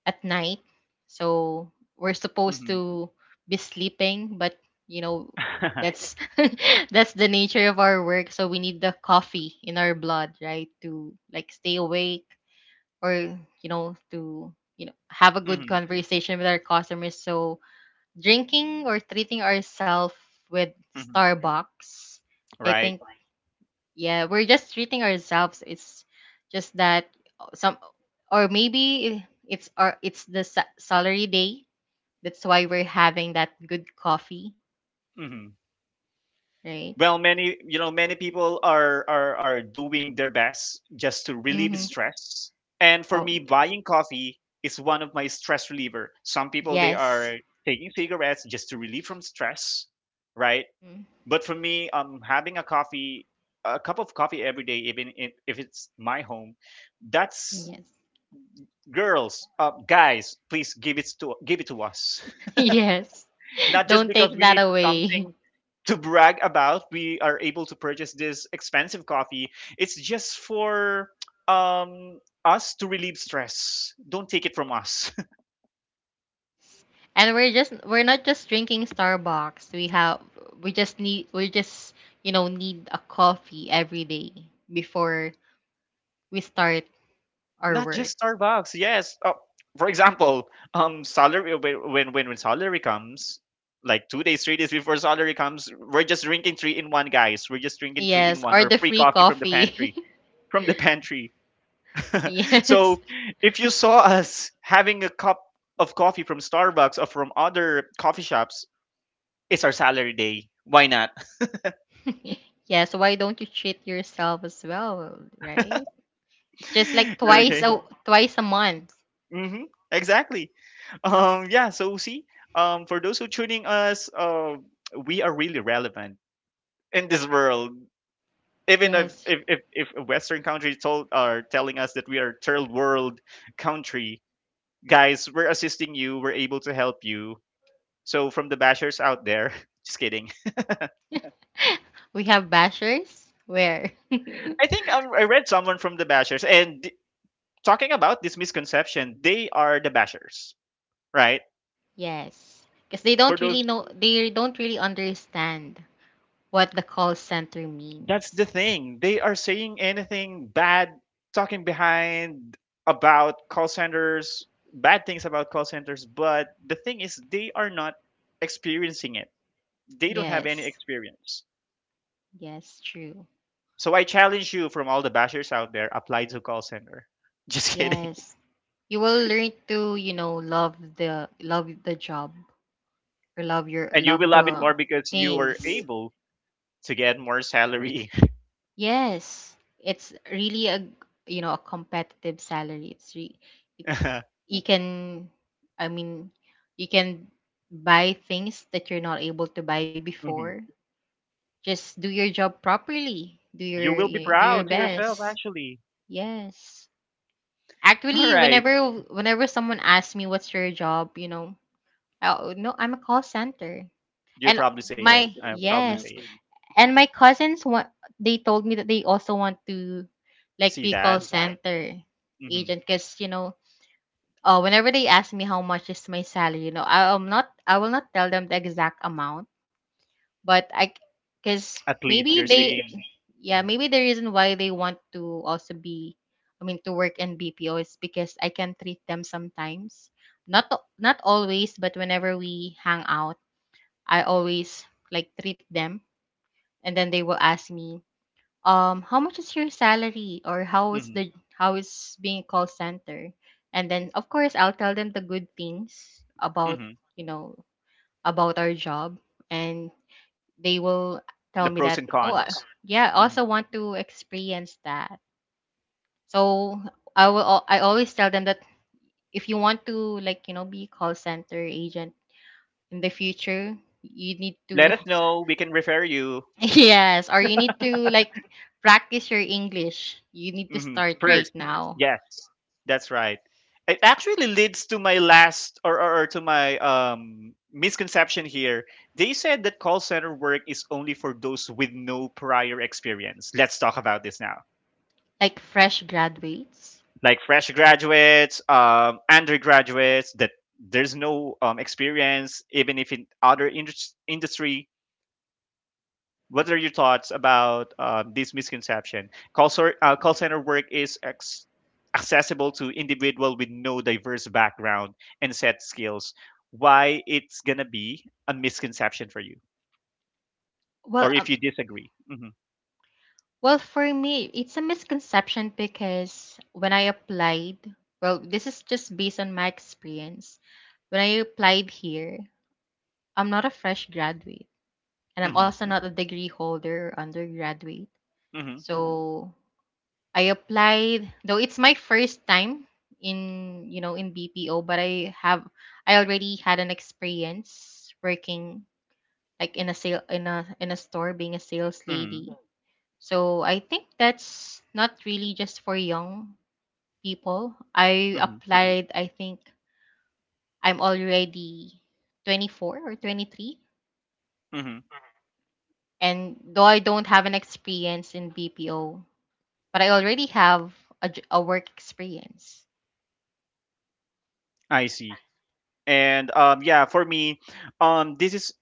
Speaker 2: at night, so we're supposed
Speaker 1: Hmm
Speaker 2: to be sleeping, but you know that's, that's the nature of our work. So we need the coffee in our blood, right, to like stay awake, or you know to you know, have a good
Speaker 1: hmm
Speaker 2: conversation with our customers. So drinking or treating ourselves with
Speaker 1: hmm
Speaker 2: Starbucks, I
Speaker 1: Right.
Speaker 2: think, yeah, we're just treating ourselves. It's just that some, or maybe it's our, it's the salary day. That's why we're having that good coffee,
Speaker 1: hmm
Speaker 2: right.
Speaker 1: Well, many you know many people are doing their best just to relieve
Speaker 2: Mm-hmm.
Speaker 1: stress. And for
Speaker 2: Oh,
Speaker 1: me, buying coffee is one of my stress reliever. Some people they
Speaker 2: yes.
Speaker 1: are taking cigarettes just to relieve from stress, right?
Speaker 2: Mm.
Speaker 1: But for me, having a coffee, a cup of coffee every day, even if it's my home, that's
Speaker 2: Yes,
Speaker 1: girls, guys, please give it to us.
Speaker 2: yes.
Speaker 1: Not just
Speaker 2: Don't
Speaker 1: because
Speaker 2: take
Speaker 1: we
Speaker 2: that
Speaker 1: need
Speaker 2: away.
Speaker 1: something to brag about, we are able to purchase this expensive coffee. It's just for us to relieve stress. Don't take it from us.
Speaker 2: And we're just we're not just drinking Starbucks. We have, we just need, we just, you know, need a coffee every day before we start our
Speaker 1: Not
Speaker 2: work.
Speaker 1: just Starbucks. Yes. For example, salary when salary comes, like 2 days, 3 days before salary comes, we're just drinking three in one, guys. We're just drinking three in
Speaker 2: Yes,
Speaker 1: one
Speaker 2: or
Speaker 1: or
Speaker 2: the
Speaker 1: free
Speaker 2: free
Speaker 1: coffee from the
Speaker 2: coffee.
Speaker 1: pantry. From the pantry. So,
Speaker 2: yes.
Speaker 1: if you saw us having a cup of coffee from Starbucks or from other coffee shops, it's our salary day. Why not?
Speaker 2: yes, why don't you treat yourself as well, right? It's just like, mm, twice
Speaker 1: Okay.
Speaker 2: a, twice a month.
Speaker 1: hmm Exactly. Yeah. So see, for those who tuning us, we are really relevant in this world. Even
Speaker 2: Yes.
Speaker 1: if a Western countries told are telling us that we are third world country, guys, we're assisting you. We're able to help you. So from the bashers out there, just kidding.
Speaker 2: We have bashers, where?
Speaker 1: I think I read someone from the Bashers talking about this misconception, they are the Bashers, right?
Speaker 2: yes. Cuz they
Speaker 1: For
Speaker 2: don't
Speaker 1: those,
Speaker 2: really know, they don't really understand what the call center
Speaker 1: that's the
Speaker 2: means.
Speaker 1: thing. They are saying anything bad, talking behind about call centers, bad things about call centers. But the thing is, they are not experiencing it. They don't have any
Speaker 2: Yes,
Speaker 1: experience.
Speaker 2: yes, true.
Speaker 1: So I challenge you from all the Bashers out there, apply to call center. Just kidding.
Speaker 2: Yes, you will learn to, you know, love the, love the job, or love your,
Speaker 1: And you will
Speaker 2: love
Speaker 1: love it
Speaker 2: the
Speaker 1: more because you were
Speaker 2: things.
Speaker 1: able to get more salary.
Speaker 2: Yes, it's really a, you know, a competitive salary. It,
Speaker 1: Mhm.
Speaker 2: you can, I mean, you can buy things that you're not able to buy before. Just do your job properly. Do
Speaker 1: You
Speaker 2: your,
Speaker 1: will be
Speaker 2: you know, do your
Speaker 1: proud to yourself,
Speaker 2: best.
Speaker 1: actually.
Speaker 2: Yes.
Speaker 1: All
Speaker 2: Actually,
Speaker 1: right.
Speaker 2: whenever someone asks me what's your job, you know, no, I'm a call center.
Speaker 1: You
Speaker 2: And
Speaker 1: probably say
Speaker 2: my,
Speaker 1: it. I probably
Speaker 2: yes,
Speaker 1: say it.
Speaker 2: and my cousins want, they told me that they also want to like
Speaker 1: See
Speaker 2: be call,
Speaker 1: that?
Speaker 2: okay, center
Speaker 1: Hmm.
Speaker 2: agent because, you know, whenever they ask me how much is my salary, you know, I'm not, I will not tell them the exact amount, but I, because
Speaker 1: At least
Speaker 2: maybe
Speaker 1: you're
Speaker 2: they,
Speaker 1: saying
Speaker 2: yeah,
Speaker 1: hmm
Speaker 2: maybe the reason why they want to also be, I mean, to work in BPO is because I can treat them sometimes, not always, but whenever we hang out, I always like treat them, and then they will ask me how much is your salary, or how is
Speaker 1: hmm
Speaker 2: the, how is being a call center, and then of course I'll tell them the good things about,
Speaker 1: hmm
Speaker 2: you know, about our job, and they will tell
Speaker 1: the
Speaker 2: me that,
Speaker 1: pros and cons.
Speaker 2: yeah, I
Speaker 1: Hmm.
Speaker 2: also want to experience that. So I will I always tell them that if you want to like, you know, be call center agent in the future, you need
Speaker 1: Let
Speaker 2: to,
Speaker 1: us know. We can refer you.
Speaker 2: yes, or you need to like practice your English, you need to
Speaker 1: Hmm.
Speaker 2: start right
Speaker 1: First.
Speaker 2: now.
Speaker 1: Yes. That's right. It actually leads to my last or to my misconception here. They said that call center work is only for those with no prior experience. Let's talk about this now.
Speaker 2: Like fresh graduates.
Speaker 1: Like fresh graduates, undergraduates that there's no experience, even if in other industry. What are your thoughts about this misconception? Call center work is ex- accessible to individual with no diverse background and set skills. Why it's gonna be a misconception for you,
Speaker 2: well
Speaker 1: or
Speaker 2: um,
Speaker 1: if you disagree?
Speaker 2: well, for me, it's a misconception because when I applied, well, this is just based on my experience. When I applied here, I'm not a fresh graduate, and I'm
Speaker 1: Hmm
Speaker 2: also not a degree holder or undergraduate.
Speaker 1: hmm
Speaker 2: So I applied, though it's my first time in, you know, in BPO, but I have, I already had an experience working like in a sale, in a, in a store, being a sales
Speaker 1: hmm
Speaker 2: lady. So I think that's not really just for young people. I
Speaker 1: hmm
Speaker 2: applied, I think I'm already 24 or 23.
Speaker 1: hmm
Speaker 2: And though I don't have an experience in BPO, but I already have a, a work experience.
Speaker 1: I see. And yeah, for me, this is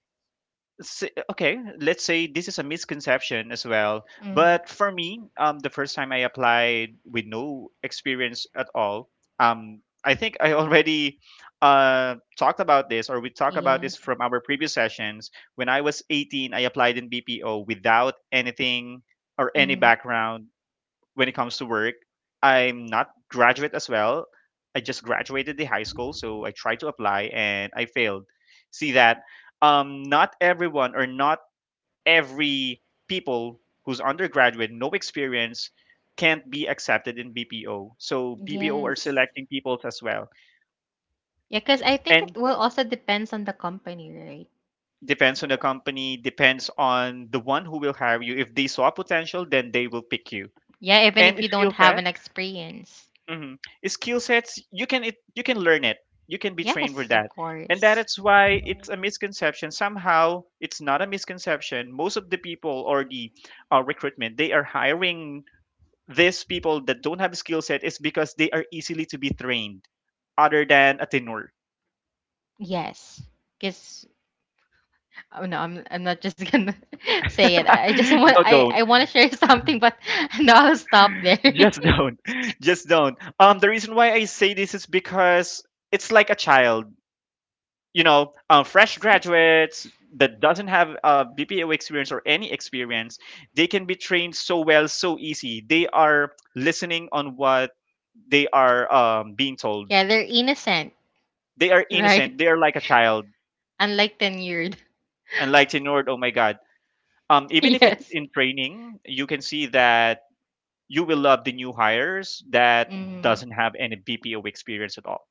Speaker 1: okay, let's say this is a misconception as well,
Speaker 2: Mm-hmm.
Speaker 1: but for me, the first time I applied with no experience at all, I think I already talked about this or we talked about this
Speaker 2: Yes.
Speaker 1: from our previous sessions. When I was 18, I applied in BPO without anything or any
Speaker 2: Mm-hmm.
Speaker 1: background when it comes to work. I'm not graduate as well. I just graduated the high school, so I tried to apply and I failed. See that, not everyone or not every people who's undergraduate, no experience, can't be accepted in BPO. So BPO are
Speaker 2: Yes.
Speaker 1: selecting people as well.
Speaker 2: Yeah, because I think it
Speaker 1: And
Speaker 2: will also depends on the company, right?
Speaker 1: depends on the company, depends on the one who will hire you. If they saw potential, then they will pick you.
Speaker 2: Yeah, even
Speaker 1: And
Speaker 2: if you
Speaker 1: skill
Speaker 2: don't have
Speaker 1: set.
Speaker 2: an experience.
Speaker 1: Mhm. Skill sets, you can learn it. You can be trained for
Speaker 2: Yes, of
Speaker 1: that, and that
Speaker 2: course.
Speaker 1: is why it's a misconception. Somehow it's not a misconception. Most of the people or the recruitment, they are hiring these people that don't have skill set is because they are easily to be trained other than a tenor.
Speaker 2: Yes. Because, oh no, I'm not just gonna say it.
Speaker 1: No,
Speaker 2: I
Speaker 1: don't,
Speaker 2: want to share something, but no, I'll stop there.
Speaker 1: just don't. Just don't. The reason why I say this is because it's like a child. Fresh
Speaker 2: Yes.
Speaker 1: graduates that doesn't have BPO experience or any experience, they can be trained so well, so easy. They are listening on what they are being told.
Speaker 2: Yeah, they're innocent,
Speaker 1: They are
Speaker 2: right?
Speaker 1: innocent, they are like a child.
Speaker 2: Unlike tenured.
Speaker 1: And unlike Nord, oh my god, even if it's
Speaker 2: yes.
Speaker 1: in training, you can see that you will love the new hires that
Speaker 2: Hmm.
Speaker 1: doesn't have any BPO experience at all.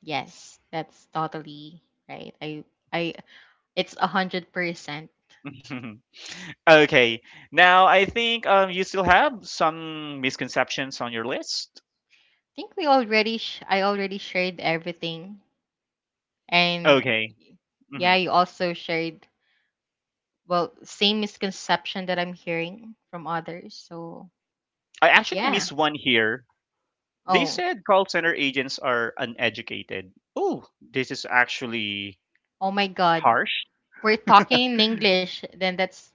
Speaker 2: Yes, that's totally right. I it's 100%. I
Speaker 1: Okay, now I think you still have some misconceptions on your list.
Speaker 2: think we already I already shared everything, and
Speaker 1: Okay.
Speaker 2: yeah,
Speaker 1: Hmm.
Speaker 2: you also shared, well, same misconception that I'm hearing from others. So
Speaker 1: I actually
Speaker 2: yeah.
Speaker 1: missed one here. They
Speaker 2: Oh,
Speaker 1: said call center agents are uneducated. Oh, this is actually
Speaker 2: oh my God,
Speaker 1: harsh.
Speaker 2: we're talking in English. Then that's,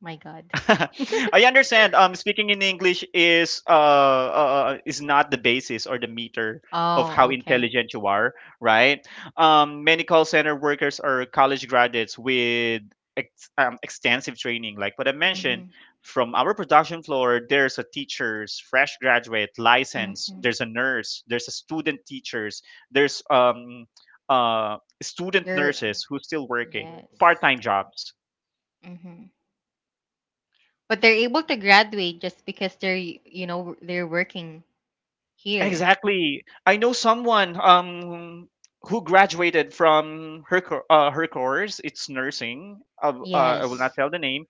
Speaker 2: my God.
Speaker 1: I understand. Speaking in English is not the basis or the meter of
Speaker 2: Oh,
Speaker 1: how
Speaker 2: okay.
Speaker 1: intelligent you are, right? Many call center workers are college graduates with extensive training, like what I mentioned.
Speaker 2: Mm-hmm.
Speaker 1: From our production floor, there's a teachers, fresh graduate, license.
Speaker 2: Mm-hmm.
Speaker 1: There's a nurse. There's a student teachers. There's student
Speaker 2: You're,
Speaker 1: nurses who's still working
Speaker 2: yes.
Speaker 1: part-time jobs.
Speaker 2: Mm-hmm. But they're able to graduate just because they're, you know, they're working here.
Speaker 1: Exactly. I know someone who graduated from her her course. It's nursing. I will
Speaker 2: Yes.
Speaker 1: not tell the name.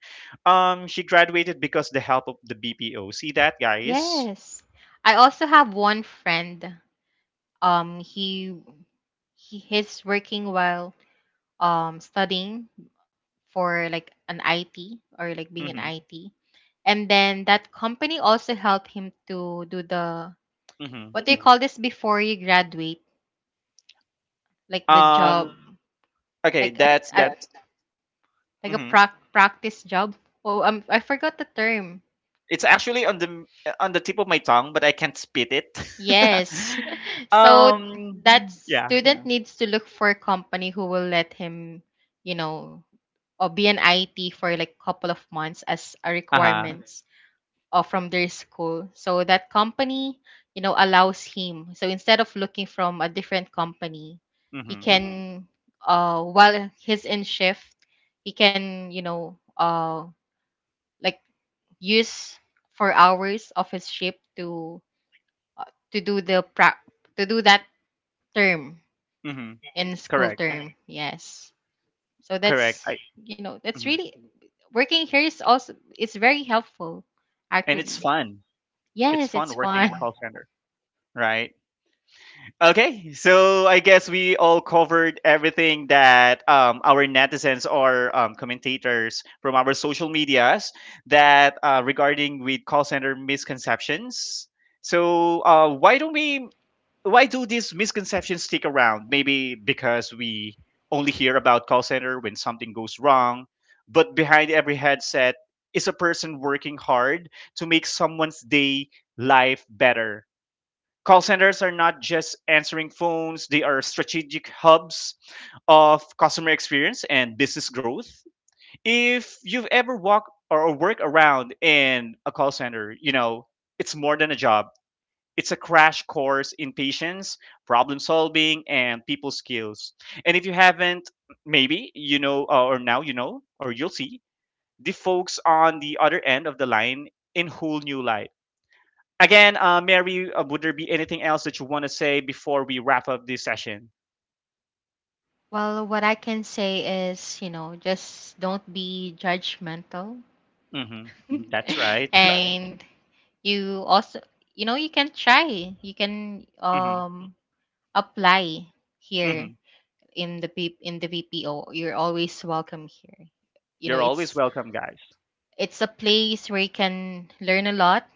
Speaker 1: She graduated because the help of the BPO. See that, guys?
Speaker 2: Yes. I also have one friend. Um, he he's working while studying for like an IT, or like being an
Speaker 1: Mm-hmm.
Speaker 2: IT. And then that company also helped him to do the,
Speaker 1: Mm-hmm.
Speaker 2: what do you call this before you graduate? Like the job,
Speaker 1: Um. Okay.
Speaker 2: like
Speaker 1: That's
Speaker 2: a,
Speaker 1: that's.
Speaker 2: like a
Speaker 1: Mm-hmm.
Speaker 2: practice job. Oh, I forgot the term.
Speaker 1: It's actually on the tip of my tongue, but I can't spit it.
Speaker 2: Yes. so
Speaker 1: um.
Speaker 2: that, mm,
Speaker 1: Yeah.
Speaker 2: student, yeah, needs to look for a company who will let him, you know, or be an IT for like couple of months as a
Speaker 1: Uh huh.
Speaker 2: requirements, or from their school. So that company, you know, allows him. So instead of looking from a different company, he
Speaker 1: Mm-hmm.
Speaker 2: can, while he's in shift, he can, you know, like use 4 hours of his shift to uh, to do the pra- to do that term
Speaker 1: Mm-hmm.
Speaker 2: in school
Speaker 1: Correct.
Speaker 2: term, yes. So
Speaker 1: Correct.
Speaker 2: that's,
Speaker 1: I.
Speaker 2: you know, that's
Speaker 1: Mhm.
Speaker 2: really, working here is also, it's very helpful
Speaker 1: And it's
Speaker 2: actually.
Speaker 1: fun. It's
Speaker 2: Yes, it's
Speaker 1: fun working
Speaker 2: fun.
Speaker 1: in call center, right? Okay, so I guess we all covered everything that our netizens or commentators from our social medias, that regarding with call center misconceptions. So why don't we why do these misconceptions stick around? Maybe because we only hear about call center when something goes wrong, but behind every headset is a person working hard to make someone's day, life better. Call centers are not just answering phones, they are strategic hubs of customer experience and business growth. If you've ever walked or worked around in a call center, it's more than a job. It's a crash course in patience, problem solving, and people skills. And if you haven't, maybe you know, or now you know, or you'll see the folks on the other end of the line in whole new light. Again, Mary, would there be anything else that you want to say before we wrap up this session?
Speaker 2: well, what I can say is, you know, just don't be judgmental.
Speaker 1: Hmm. That's right.
Speaker 2: and you also, you know, you can try, you can
Speaker 1: Hmm.
Speaker 2: apply here
Speaker 1: Hmm.
Speaker 2: in the in the VPO, you're always welcome here. You know,
Speaker 1: You're always
Speaker 2: it's
Speaker 1: welcome, guys.
Speaker 2: it's a place where you can learn a lot,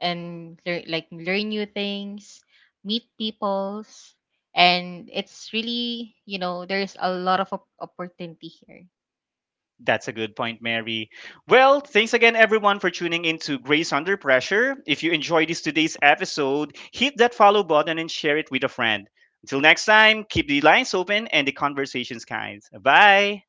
Speaker 2: and learn like learn new things, meet peoples, and it's really, you know, there's a lot of opportunity here.
Speaker 1: That's a good point, Mary. Well, thanks again, everyone, for tuning in to Grace Under Pressure. If you enjoyed this today's episode, hit that follow button and share it with a friend. Until next time, keep the lines open and the conversations kind. Bye.